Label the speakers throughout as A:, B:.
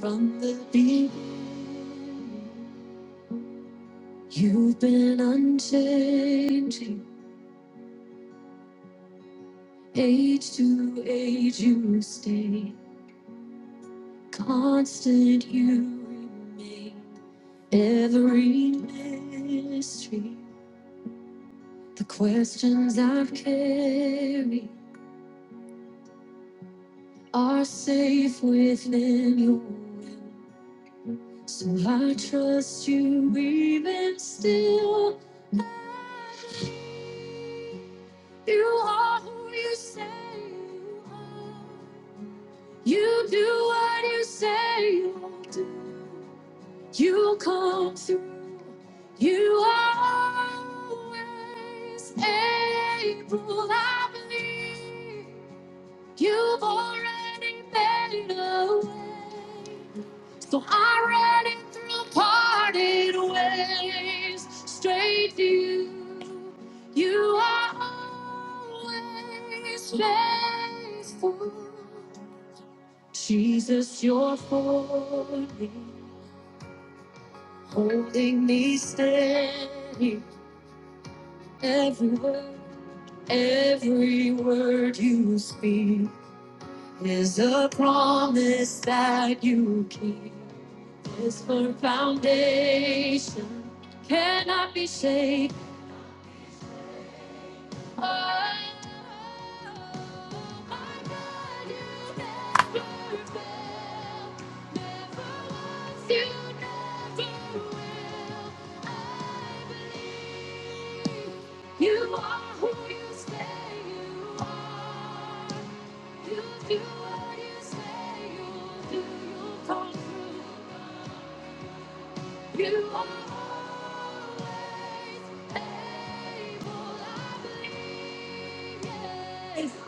A: From the deep, you've been unchanging. Age to age, you stay. Constant, you remain. Every mystery, the questions I've carried are safe within your will. So I trust you even still. You are who you say you are. You do what you say you'll do. You come through. You are always able, I believe. You've already made a way. So I'm running through parted ways, straight to you. You are always faithful. Jesus, you're for me, holding me steady. Every word, every word you speak. is a promise that you keep. This firm foundation cannot be shaken. Oh, my God, you never fail. Never once, you never will. I believe. You are who you say you are. You do what you say you'll do. You'll come through. You are always able. I believe yes.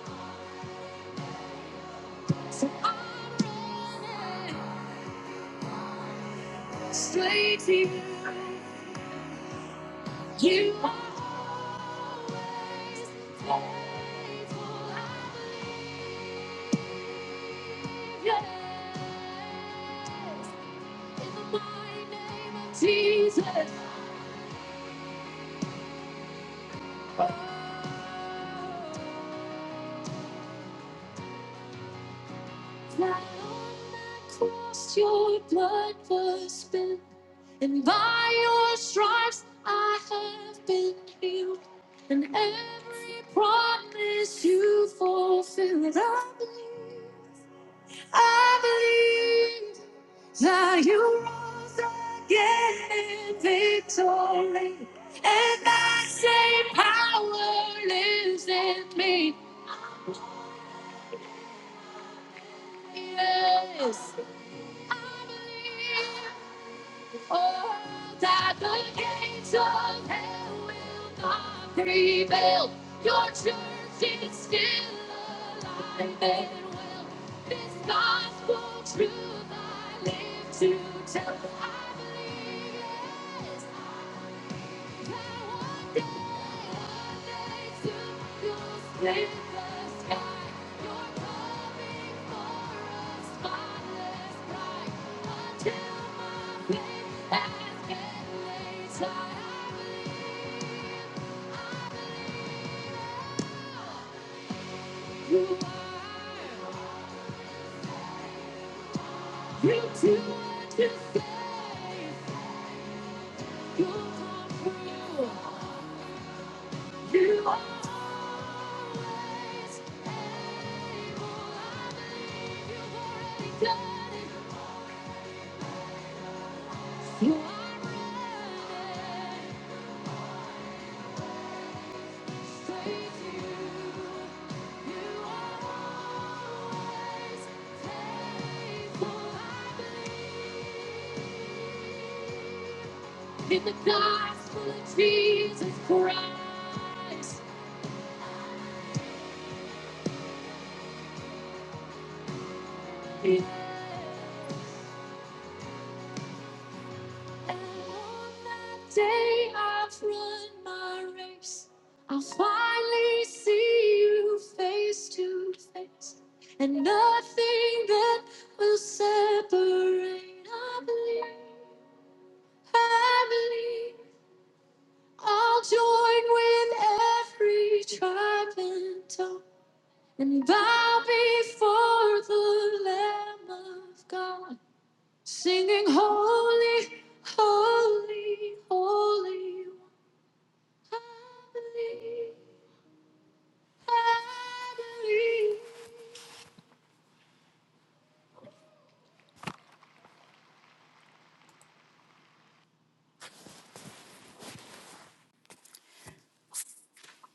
A: So I'm running straight to you. You are always faithful. I believe. Yes, in the mighty name of Jesus. That on that cross your blood was spilled, and by your stripes I have been healed. And every promise you fulfilled, I believe. I believe that you rose again in victory, and that same power lives in me. Yes, I believe. Oh, that the gates of hell will not prevail. Your church is still alive and well. This gospel truth I live to tell. I believe it. I can one day one day, to fill the sky. You're coming for us, Godless life. Until my feet can't lay, I believe you are. You do what you say. You come through. You are always able. I believe you've already done it. You in the gospel of Jesus Christ. And on that day I've run my race. I'll finally see you face to face. And nothing that will separate, I believe, I believe. I'll join with every tribe and tongue and bow before the Lamb of God. Singing holy, holy, holy. I believe, I believe.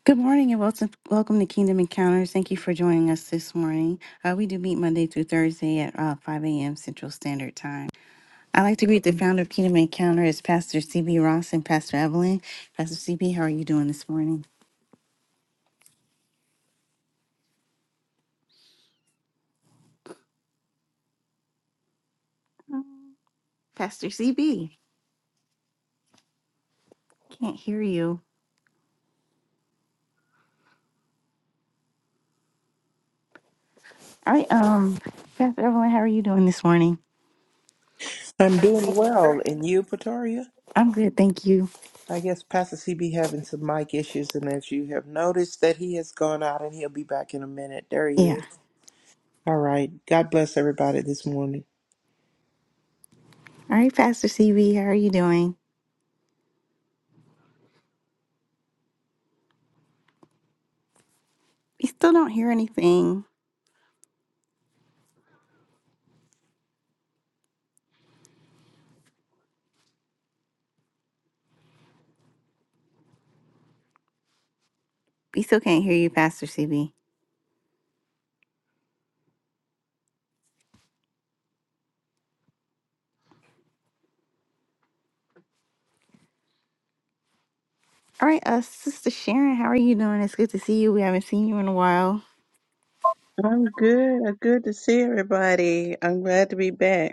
A: Good morning and welcome, welcome to Kingdom Encounters. Thank you for joining us this morning. Uh, we do meet Monday through Thursday at uh, 5 a.m. Central Standard Time. I'd like to greet the founder of Kingdom Encounters, Pastor CB Ross and Pastor Evelyn. Pastor CB, how are you doing this morning? Oh, Pastor CB, can't hear you. All right, um, Pastor Evelyn, how are you doing this morning?
B: I'm doing well, and you, Pretoria?
A: I'm good, thank you.
B: I guess Pastor CB having some mic issues, and as you have noticed, that he has gone out, and he'll be back in a minute. There he
A: Yeah.
B: is. All right. God bless everybody this morning.
A: All right, Pastor CB, how are you doing? We still don't hear anything. We still can't hear you, Pastor CB. All right, uh, Sister Sharon, how are you doing? It's good to see you. We haven't seen you in a while.
C: I'm good. Good to see everybody. I'm glad to be back.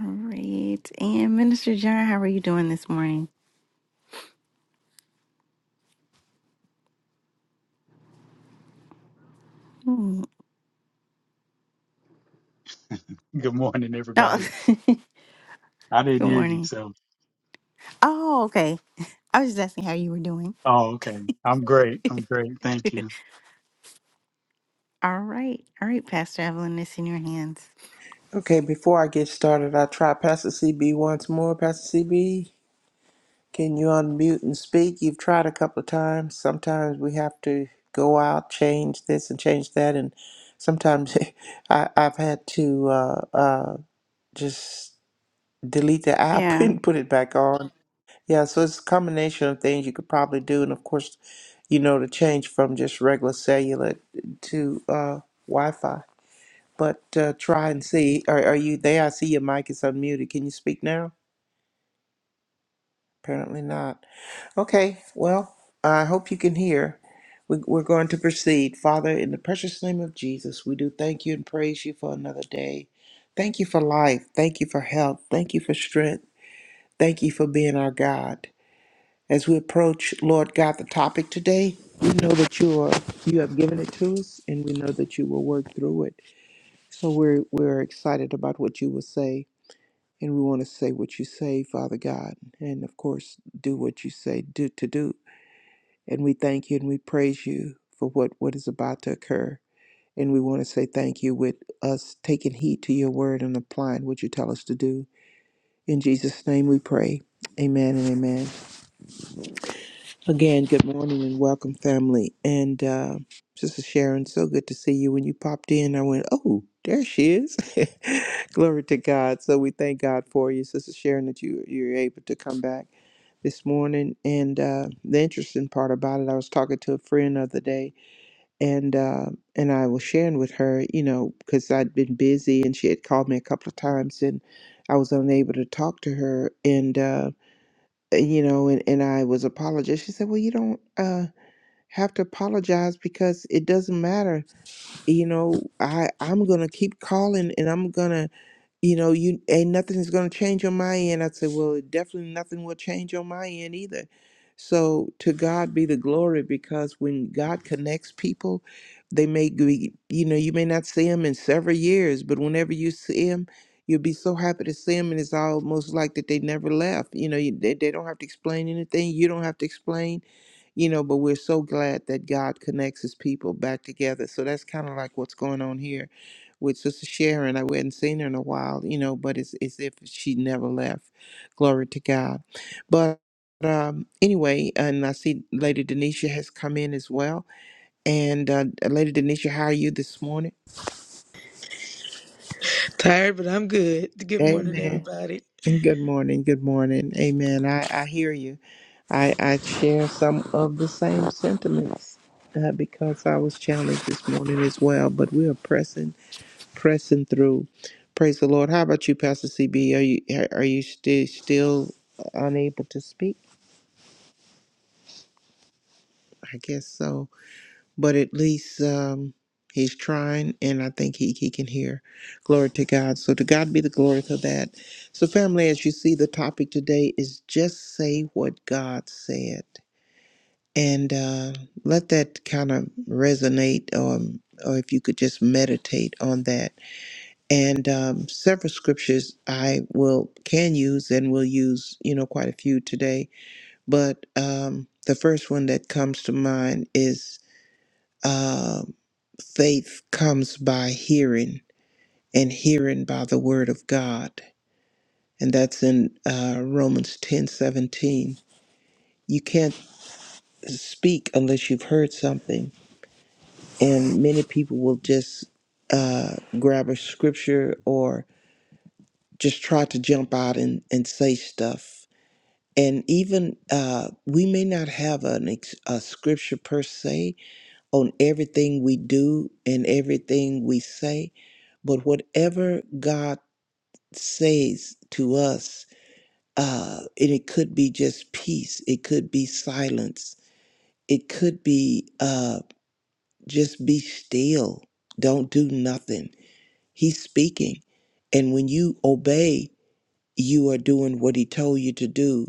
A: All right, and Minister John, how are you doing this morning? Hmm.
D: Good morning,
A: Oh,
D: everybody. I didn't
A: good
D: hear you,
A: morning.
D: so
A: Oh, okay. I was just asking how you were doing.
D: oh, okay. I'm great. I'm great. Thank you.
A: All right, all right, Pastor Evelyn, it's in your hands.
B: Okay, before I get started, I try Pastor CB once more. Pastor CB, can you unmute and speak? You've tried a couple of times. Sometimes we have to go out, change this and change that, and sometimes I, I've had to uh, uh, just delete the app
A: Yeah.
B: and put it back on. Yeah, so it's a combination of things you could probably do, and of course, you know, to change from just regular cellular to uh, Wi-Fi. But uh, try and see. Are, are you there? I see your mic is unmuted. Can you speak now? Apparently not. Okay, well, I hope you can hear. We, we're going to proceed. Father, in the precious name of Jesus, we do thank you and praise you for another day. Thank you for life. Thank you for health. Thank you for strength. Thank you for being our God. As we approach, Lord God, the topic today, we know that you are you have given it to us and we know that you will work through it. So we're we're excited about what you will say and we want to say what you say, Father God, and of course do what you say do to do. And we thank you and we praise you for what, what is about to occur. And we want to say thank you with us taking heed to your word and applying what you tell us to do. In Jesus' name we pray. Amen and amen. Again, good morning and welcome, family. And uh, Sister Sharon, so good to see you. When you popped in, I went, oh, there she is. Glory to God. So we thank God for you, Sister Sharon, that you you're able to come back this morning. And uh, the interesting part about it, I was talking to a friend the other day, and uh, and I was sharing with her, you know, because I'd been busy, and she had called me a couple of times, and I was unable to talk to her, and. Uh, uh, you know, and, and I was apologizing. She said, Well, you don't uh have to apologize because it doesn't matter. You know, I, I'm gonna keep calling and I'm gonna you know, you ain't nothing is going to change on my end. I said, well, definitely nothing will change on my end either. So to God be the glory because when God connects people, they may be, you know, you may not see them in several years, but whenever you see them, you'll be so happy to see them. And it's almost like that they never left. You know, you, they, they don't have to explain anything. You don't have to explain you know, but we're so glad that God connects his people back together. So that's kind of like what's going on here with Sister Sharon. I hadn't seen her in a while, you know, but it's as if she never left. Glory to God. But um, anyway, and I see Lady Denisha has come in as well. And uh, Lady Denisha, how are you this morning?
E: Tired, but I'm good. Good morning,
B: Amen.
E: everybody.
B: Good morning. Good morning. Amen. I, I hear you. I, I share some of the same sentiments uh, because I was challenged this morning as well. But we are pressing, pressing through. Praise the Lord. How about you, Pastor CB? Are you are you still still unable to speak? I guess so. But at least um, he's trying, and I think he he can hear. Glory to God. So to God be the glory for that. So family, as you see, the topic today is just say what God said and uh, let that kind of resonate or or if you could just meditate on that and um, several scriptures i will can use and will use you know quite a few today but um, the first one that comes to mind is uh, faith comes by hearing and hearing by the word of god and that's in uh, romans ten seventeen. you can't speak unless you've heard something and many people will just uh, grab a scripture or just try to jump out and, and say stuff and even uh, we may not have an ex- a scripture per se on everything we do and everything we say but whatever god says to us uh, and it could be just peace it could be silence it could be uh, just be still don't do nothing He's speaking. And when you obey, you are doing what he told you to do.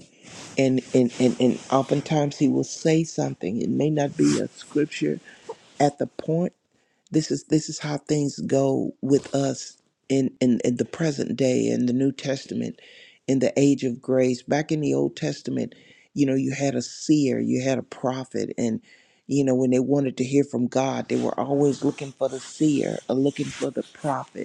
B: And and, and, and oftentimes he will say something. It may not be a scripture at the point. This is this is how things go with us in, in, in the present day in the New Testament, in the age of grace. Back in the Old Testament, you know, you had a seer, you had a prophet, and you know, when they wanted to hear from God, they were always looking for the seer or looking for the prophet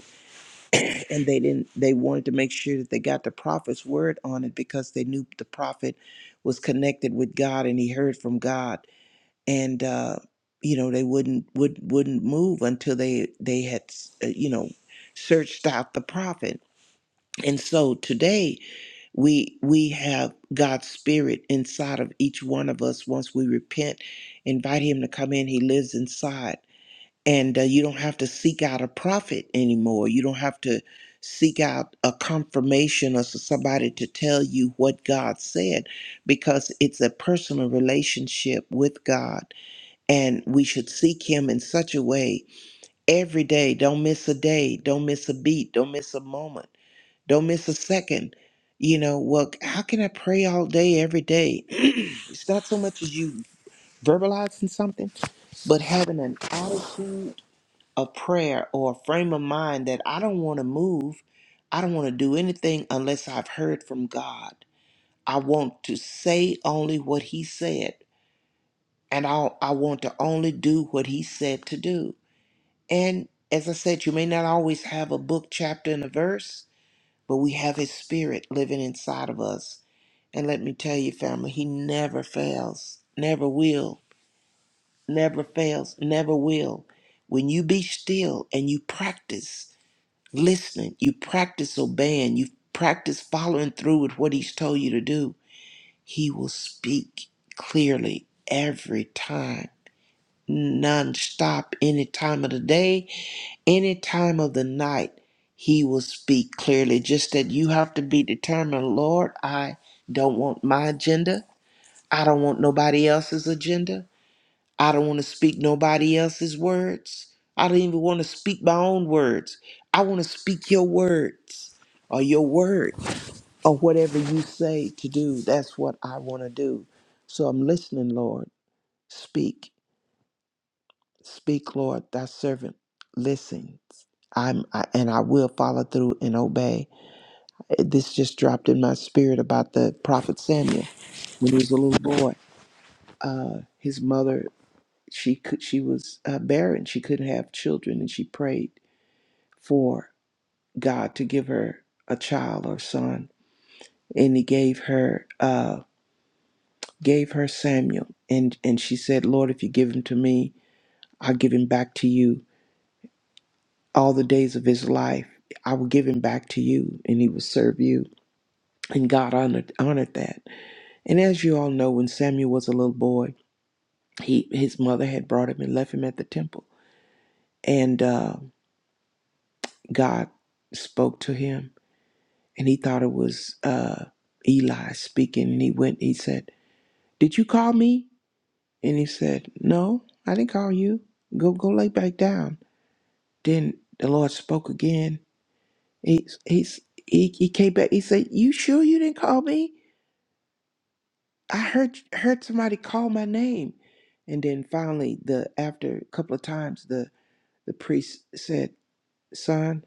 B: and they didn't they wanted to make sure that they got the prophet's word on it because they knew the prophet was connected with god and he heard from god and uh you know they wouldn't would, wouldn't move until they they had uh, you know searched out the prophet and so today we we have god's spirit inside of each one of us once we repent invite him to come in he lives inside and uh, you don't have to seek out a prophet anymore. You don't have to seek out a confirmation or so- somebody to tell you what God said because it's a personal relationship with God and we should seek him in such a way every day. Don't miss a day, don't miss a beat, don't miss a moment, don't miss a second. You know, well, how can I pray all day every day? it's not so much as you verbalizing something, but having an attitude a prayer or a frame of mind that I don't want to move. I don't want to do anything unless I've heard from God. I want to say only what He said, and I, I want to only do what He said to do. And as I said, you may not always have a book, chapter, and a verse, but we have His Spirit living inside of us. And let me tell you, family, He never fails, never will, never fails, never will. When you be still and you practice listening, you practice obeying, you practice following through with what he's told you to do, he will speak clearly every time, nonstop, any time of the day, any time of the night. He will speak clearly. Just that you have to be determined, Lord, I don't want my agenda. I don't want nobody else's agenda. I don't want to speak nobody else's words. I don't even want to speak my own words. I want to speak your words or your word or whatever you say to do. That's what I want to do. So I'm listening, Lord. Speak. Speak, Lord, thy servant. Listen. I'm I, and I will follow through and obey. Uh, This just dropped in my spirit about the prophet Samuel when he was a little boy. Uh, his mother she could she was uh, barren she couldn't have children and she prayed for god to give her a child or son and he gave her uh gave her samuel and and she said lord if you give him to me i'll give him back to you all the days of his life i will give him back to you and he will serve you and god honored honored that and as you all know when samuel was a little boy he his mother had brought him and left him at the temple and uh, god spoke to him and he thought it was uh, Eli speaking. And he went. He said, "Did you call me?" And he said, "No, I didn't call you. Go, go, lay back down." Then the Lord spoke again. He, he's, he, he came back. He said, "You sure you didn't call me? I heard heard somebody call my name." And then finally, the after a couple of times, the the priest said, "Son,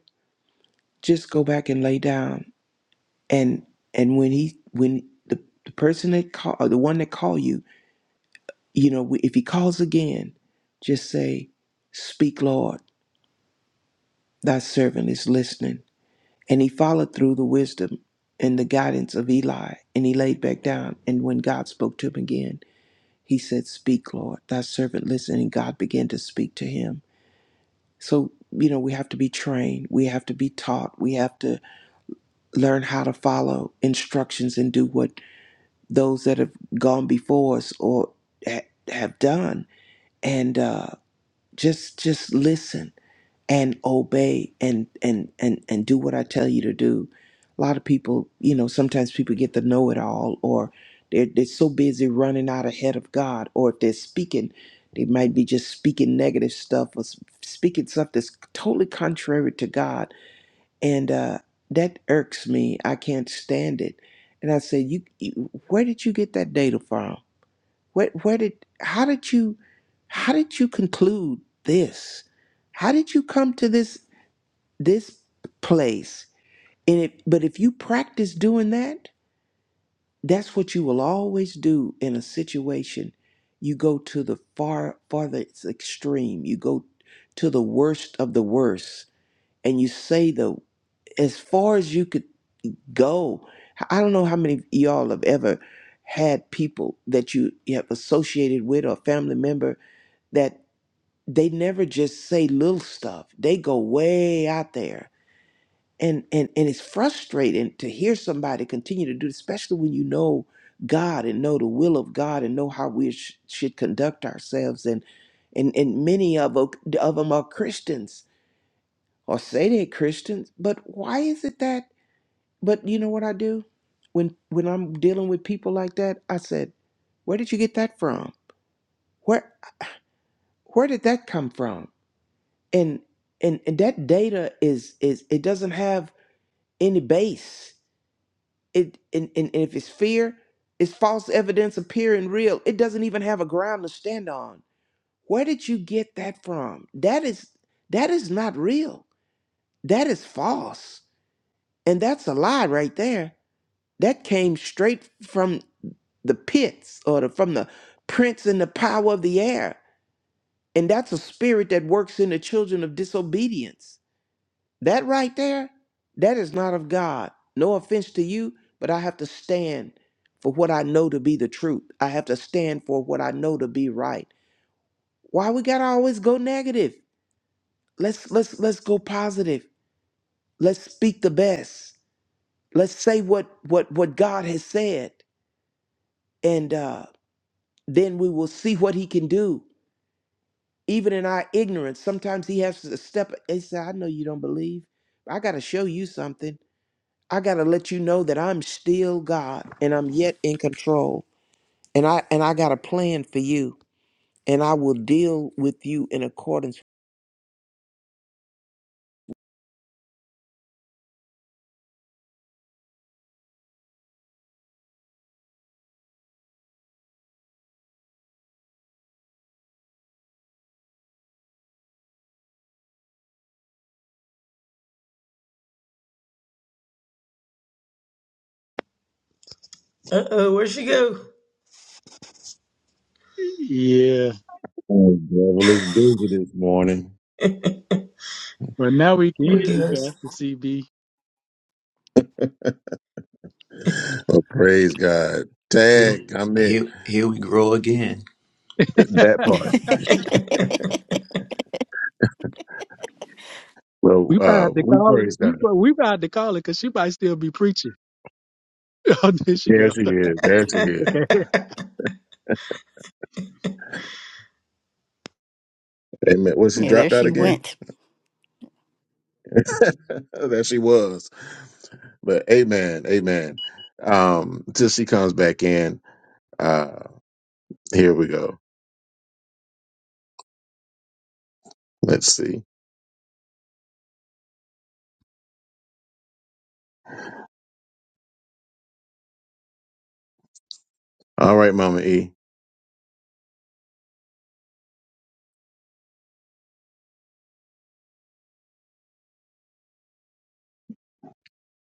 B: just go back and lay down." And and when he when the, the person that call or the one that called you You know, if he calls again, just say, Speak, Lord, thy servant is listening. And he followed through the wisdom and the guidance of Eli, and he laid back down. And when God spoke to him again, he said, Speak, Lord, thy servant listening. And God began to speak to him. So, you know, we have to be trained. We have to be taught. We have to learn how to follow instructions and do what those that have gone before us or ha- have done. And uh, just just listen and obey and and and and do what I tell you to do. A lot of people, you know, sometimes people get the know it all, or they're they're so busy running out ahead of God, or if they're speaking, they might be just speaking negative stuff or s- speaking stuff that's totally contrary to God, and uh, that irks me. I can't stand it. And I said, you, you, where did you get that data from? Where, where did, how did you, how did you conclude this? How did you come to this? this place and it but if you practice doing that that's what you will always do in a situation you go to the far farthest extreme you go to the worst of the worst and you say the as far as you could go i don't know how many of y'all have ever had people that you, you have associated with or a family member that they never just say little stuff they go way out there and and and it's frustrating to hear somebody continue to do it, especially when you know God and know the will of God and know how we sh- should conduct ourselves and and and many of o- of them are Christians or say they're Christians but why is it that but you know what I do when when I'm dealing with people like that I said where did you get that from where where did that come from and and and that data is is it doesn't have any base It and, and and if it's fear, it's false evidence appearing real. It doesn't even have a ground to stand on. Where did you get that from? That is that is not real. That is false. And that's a lie right there. That came straight from the pits or the, from the prince and the power of the air. And that's a spirit that works in the children of disobedience That right there, that is not of God. No offense to you, but I have to stand for what I know to be the truth. I have to stand for what I know to be right. Why we gotta always go negative? Let's let's let's go positive. Let's speak the best. Let's say what what what God has said, and uh, then we will see what He can do. Even in our ignorance, sometimes He has to step. He said, "I know you don't believe. I got to show you something." I got to let you know that I'm still God and I'm yet in control. And I and I got a plan for you and I will deal with you in accordance
E: Uh oh, where'd she go?
D: Yeah,
F: Oh, devil is busy this morning.
D: but now we can
E: Oh,
D: hear you,
E: goodness.
D: Pastor CB.
F: Oh, praise God.
G: Here,
F: Tag, I meant
G: here, here we grow again.
F: that part. Well,
D: we
F: uh,
D: about to
F: we
D: call it.
F: praise
D: You,
F: God.
D: we about to call it because she might still be preaching. oh, there she
F: There
D: go.
F: she is. There she is.
D: Okay.
F: Amen. Was she
A: Yeah, there
F: dropped out
A: she
F: again?
A: went.
F: there she was. But amen. Amen. Um, till she comes back in. Uh, here we go. Let's see. All right, Mama E.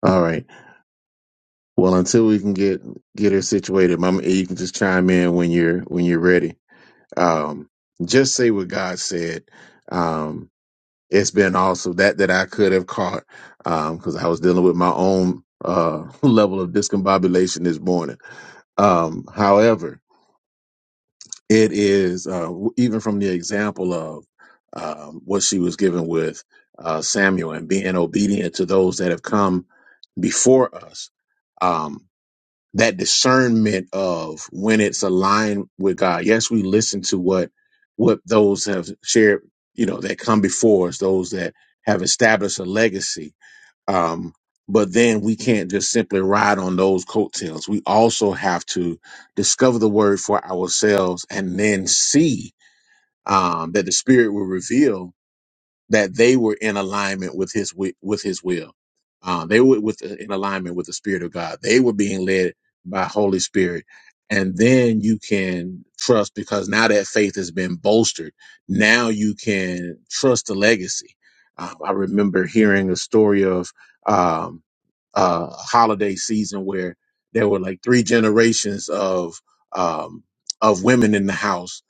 F: All right. Well, until we can get get her situated, Mama E, you can just chime in when you're when you're ready. um, just say what God said. Um, it's been also that that I could have caught because I was dealing with my own uh, level of discombobulation this morning. Um, however, it is uh, w- even from the example of um, what she was given with uh, Samuel and being obedient to those that have come before us. um, that discernment of when it's aligned with God. Yes, we listen to what what those have shared, you know, that come before us, those that have established a legacy. Um, but then we can't just simply ride on those coattails. We also have to discover the word for ourselves and then see um, that the Spirit will reveal that they were in alignment with his wi- with his will. Uh, they were with uh, in alignment with the Spirit of God. They were being led by Holy Spirit, and then you can trust because now that faith has been bolstered. Now you can trust the legacy. Um, I remember hearing a story of. Um, uh, holiday season where there were like three generations of um, of women in the house,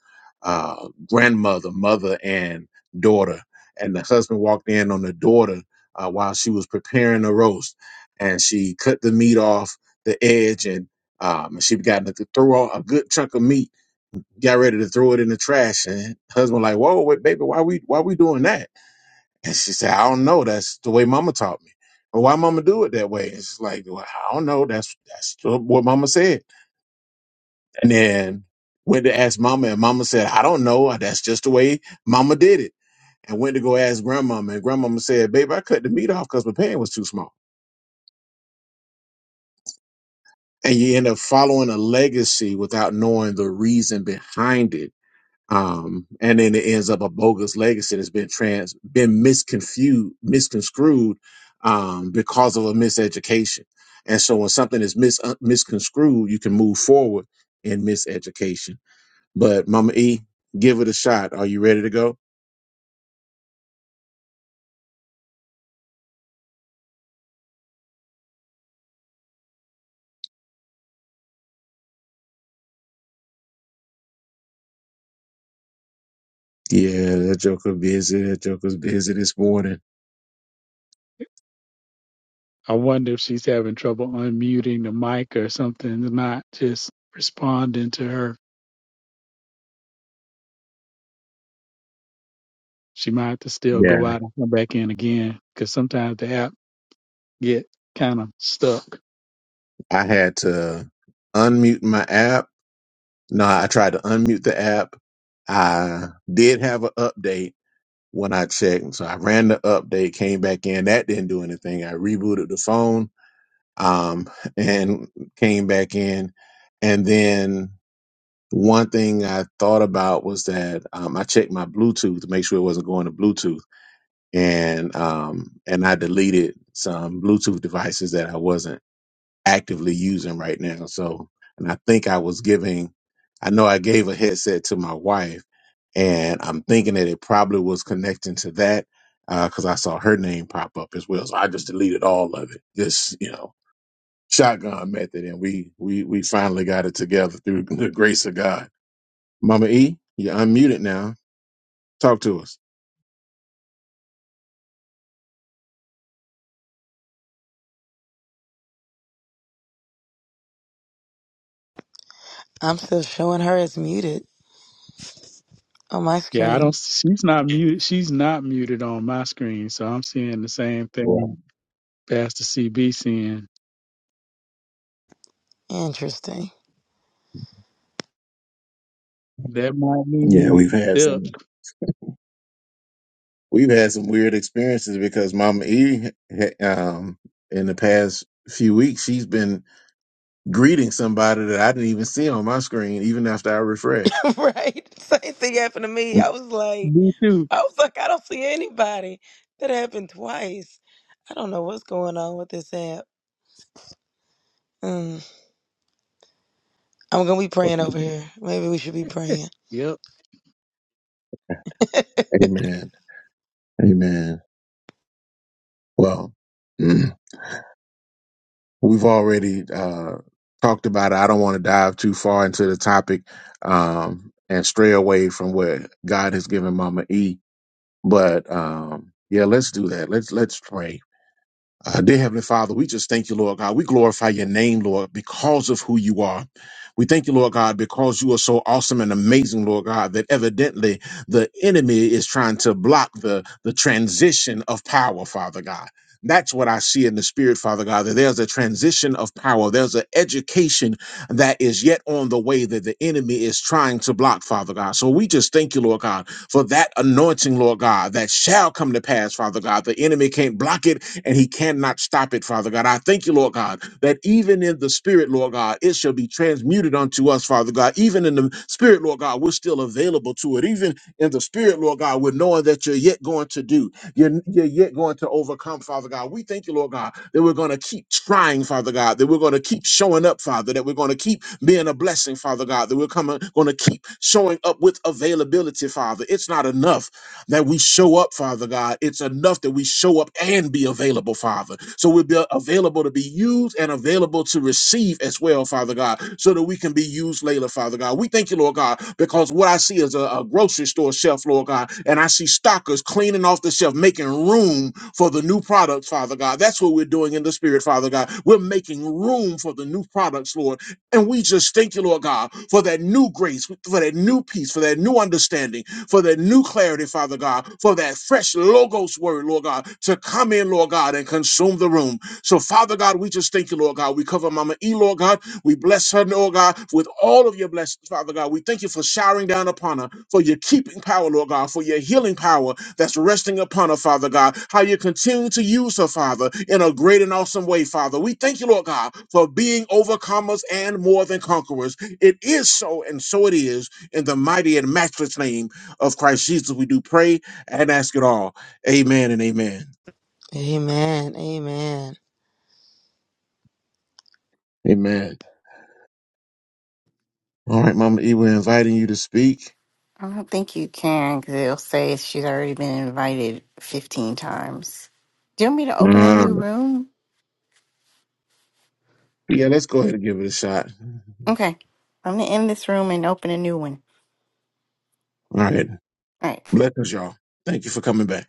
F: uh, grandmother, mother, and daughter. And the husband walked in on the daughter uh, while she was preparing the roast, and she cut the meat off the edge, and um, she got to throw out a good chunk of meat. Got ready to throw it in the trash, and husband like, "Whoa, wait, baby, why we why we doing that?" And she said, I don't know. That's the way mama taught me. But why mama do it that way? And she's like, well, I don't know. That's that's what mama said. And then went to ask mama, and mama said, I don't know. That's just the way mama did it. And went to go ask grandmama, and grandmama said, Babe, I cut the meat off because my pan was too small. And you end up following a legacy without knowing the reason behind it um, and then it ends up a bogus legacy that's been trans been misconfused misconstrued um, because of a miseducation and so when something is mis uh, misconstrued you can move forward in miseducation but mama e give it a shot are you ready to go yeah that joker busy that joker's busy this morning
D: I wonder if she's having trouble unmuting the mic or something. Not just responding to her. She might have to still
F: yeah
D: go out and come back in again because sometimes the app get kind of stuck.
F: i had to unmute my app no i tried to unmute the app i did have an update when I checked. So I ran the update, came back in. That didn't do anything. I rebooted the phone um, and came back in. And then one thing I thought about was that um, I checked my Bluetooth to make sure it wasn't going to Bluetooth, and um, and I deleted some Bluetooth devices that I wasn't actively using right now. So, and I think I was giving, I know I gave a headset to my wife, and I'm thinking that it probably was connecting to that because I saw her name pop up as well. So I just deleted all of it. Just you know, shotgun method, and we we we finally got it together through the grace of God. Mama E, you're unmuted now. Talk to us.
E: I'm still showing her as muted on my
D: Yeah, I
E: screen.
D: don't. She's not muted. She's not muted on my screen, so I'm seeing the same
F: Yeah,
D: thing Pastor CB seeing.
E: Interesting.
D: That might
F: yeah,
D: mean it's
F: we've had
D: still
F: some. We've had some weird experiences because Mama E, um, in the past few weeks, she's been greeting somebody that I didn't even see on my screen, even after I refreshed.
E: right? Same thing happened to me. I was like,
D: me too.
E: I was like, I don't see anybody. That happened twice. I don't know what's going on with this app. Mm, I'm gonna be praying over here. Maybe we should be praying.
D: Yep.
F: Amen. Amen. Well, mm, we've already uh, talked about it. I don't want to dive too far into the topic um, and stray away from what God has given Mama E. But um, yeah, let's do that. Let's let's pray Uh, dear Heavenly Father, we just thank you, Lord God. We glorify your name, Lord, because of who you are. We thank you, Lord God, because you are so awesome and amazing, Lord God, that evidently the enemy is trying to block the, the transition of power, Father God. That's what I see in the spirit, Father God, that there's a transition of power. There's an education that is yet on the way that the enemy is trying to block, Father God. So we just thank you, Lord God, for that anointing, Lord God, that shall come to pass, Father God. The enemy can't block it and he cannot stop it, Father God. I thank you, Lord God, that even in the spirit, Lord God, it shall be transmuted unto us, Father God. Even in the spirit, Lord God, we're still available to it. Even in the spirit, Lord God, we're knowing that you're yet going to do, you're, you're yet going to overcome, Father God. We thank you, Lord God, that we're going to keep trying, Father God, that we're going to keep showing up, Father, that we're going to keep being a blessing, Father God, that we're coming, going to keep showing up with availability, Father. It's not enough that we show up, Father God. It's enough that we show up and be available, Father. So we'll be available to be used and available to receive as well, Father God, so that we can be used later, Father God. We thank you, Lord God, because what I see is a, a grocery store shelf, Lord God, and I see stockers cleaning off the shelf, making room for the new products, Father God. That's what we're doing in the spirit, Father God. We're making room for the new products, Lord, and we just thank you, Lord God, for that new grace, for that new peace, for that new understanding, for that new clarity, Father God, for that fresh logos word, Lord God, to come in, Lord God, and consume the room. So, Father God, we just thank you, Lord God. We cover Mama E, Lord God. We bless her, Lord God, with all of your blessings, Father God. We thank you for showering down upon her, for your keeping power, Lord God, for your healing power that's resting upon her, Father God. How you continue to use her, Father, in a great and awesome way, Father. We thank you, Lord God, for being overcomers and more than conquerors. It is so, and so it is, in the mighty and matchless name of Christ Jesus, we do pray and ask it all. Amen and amen.
E: Amen. Amen.
F: Amen. All right, Mama E, we're inviting you to speak.
A: I don't think you can because it'll say she's already been invited 15 times. Do you want me to open a
F: Uh,
A: new room?
F: yeah, let's go ahead and give it a shot.
A: Okay. I'm going to end this room and open a new one.
F: All right.
A: All right.
F: Blessings, y'all. Thank you for coming back.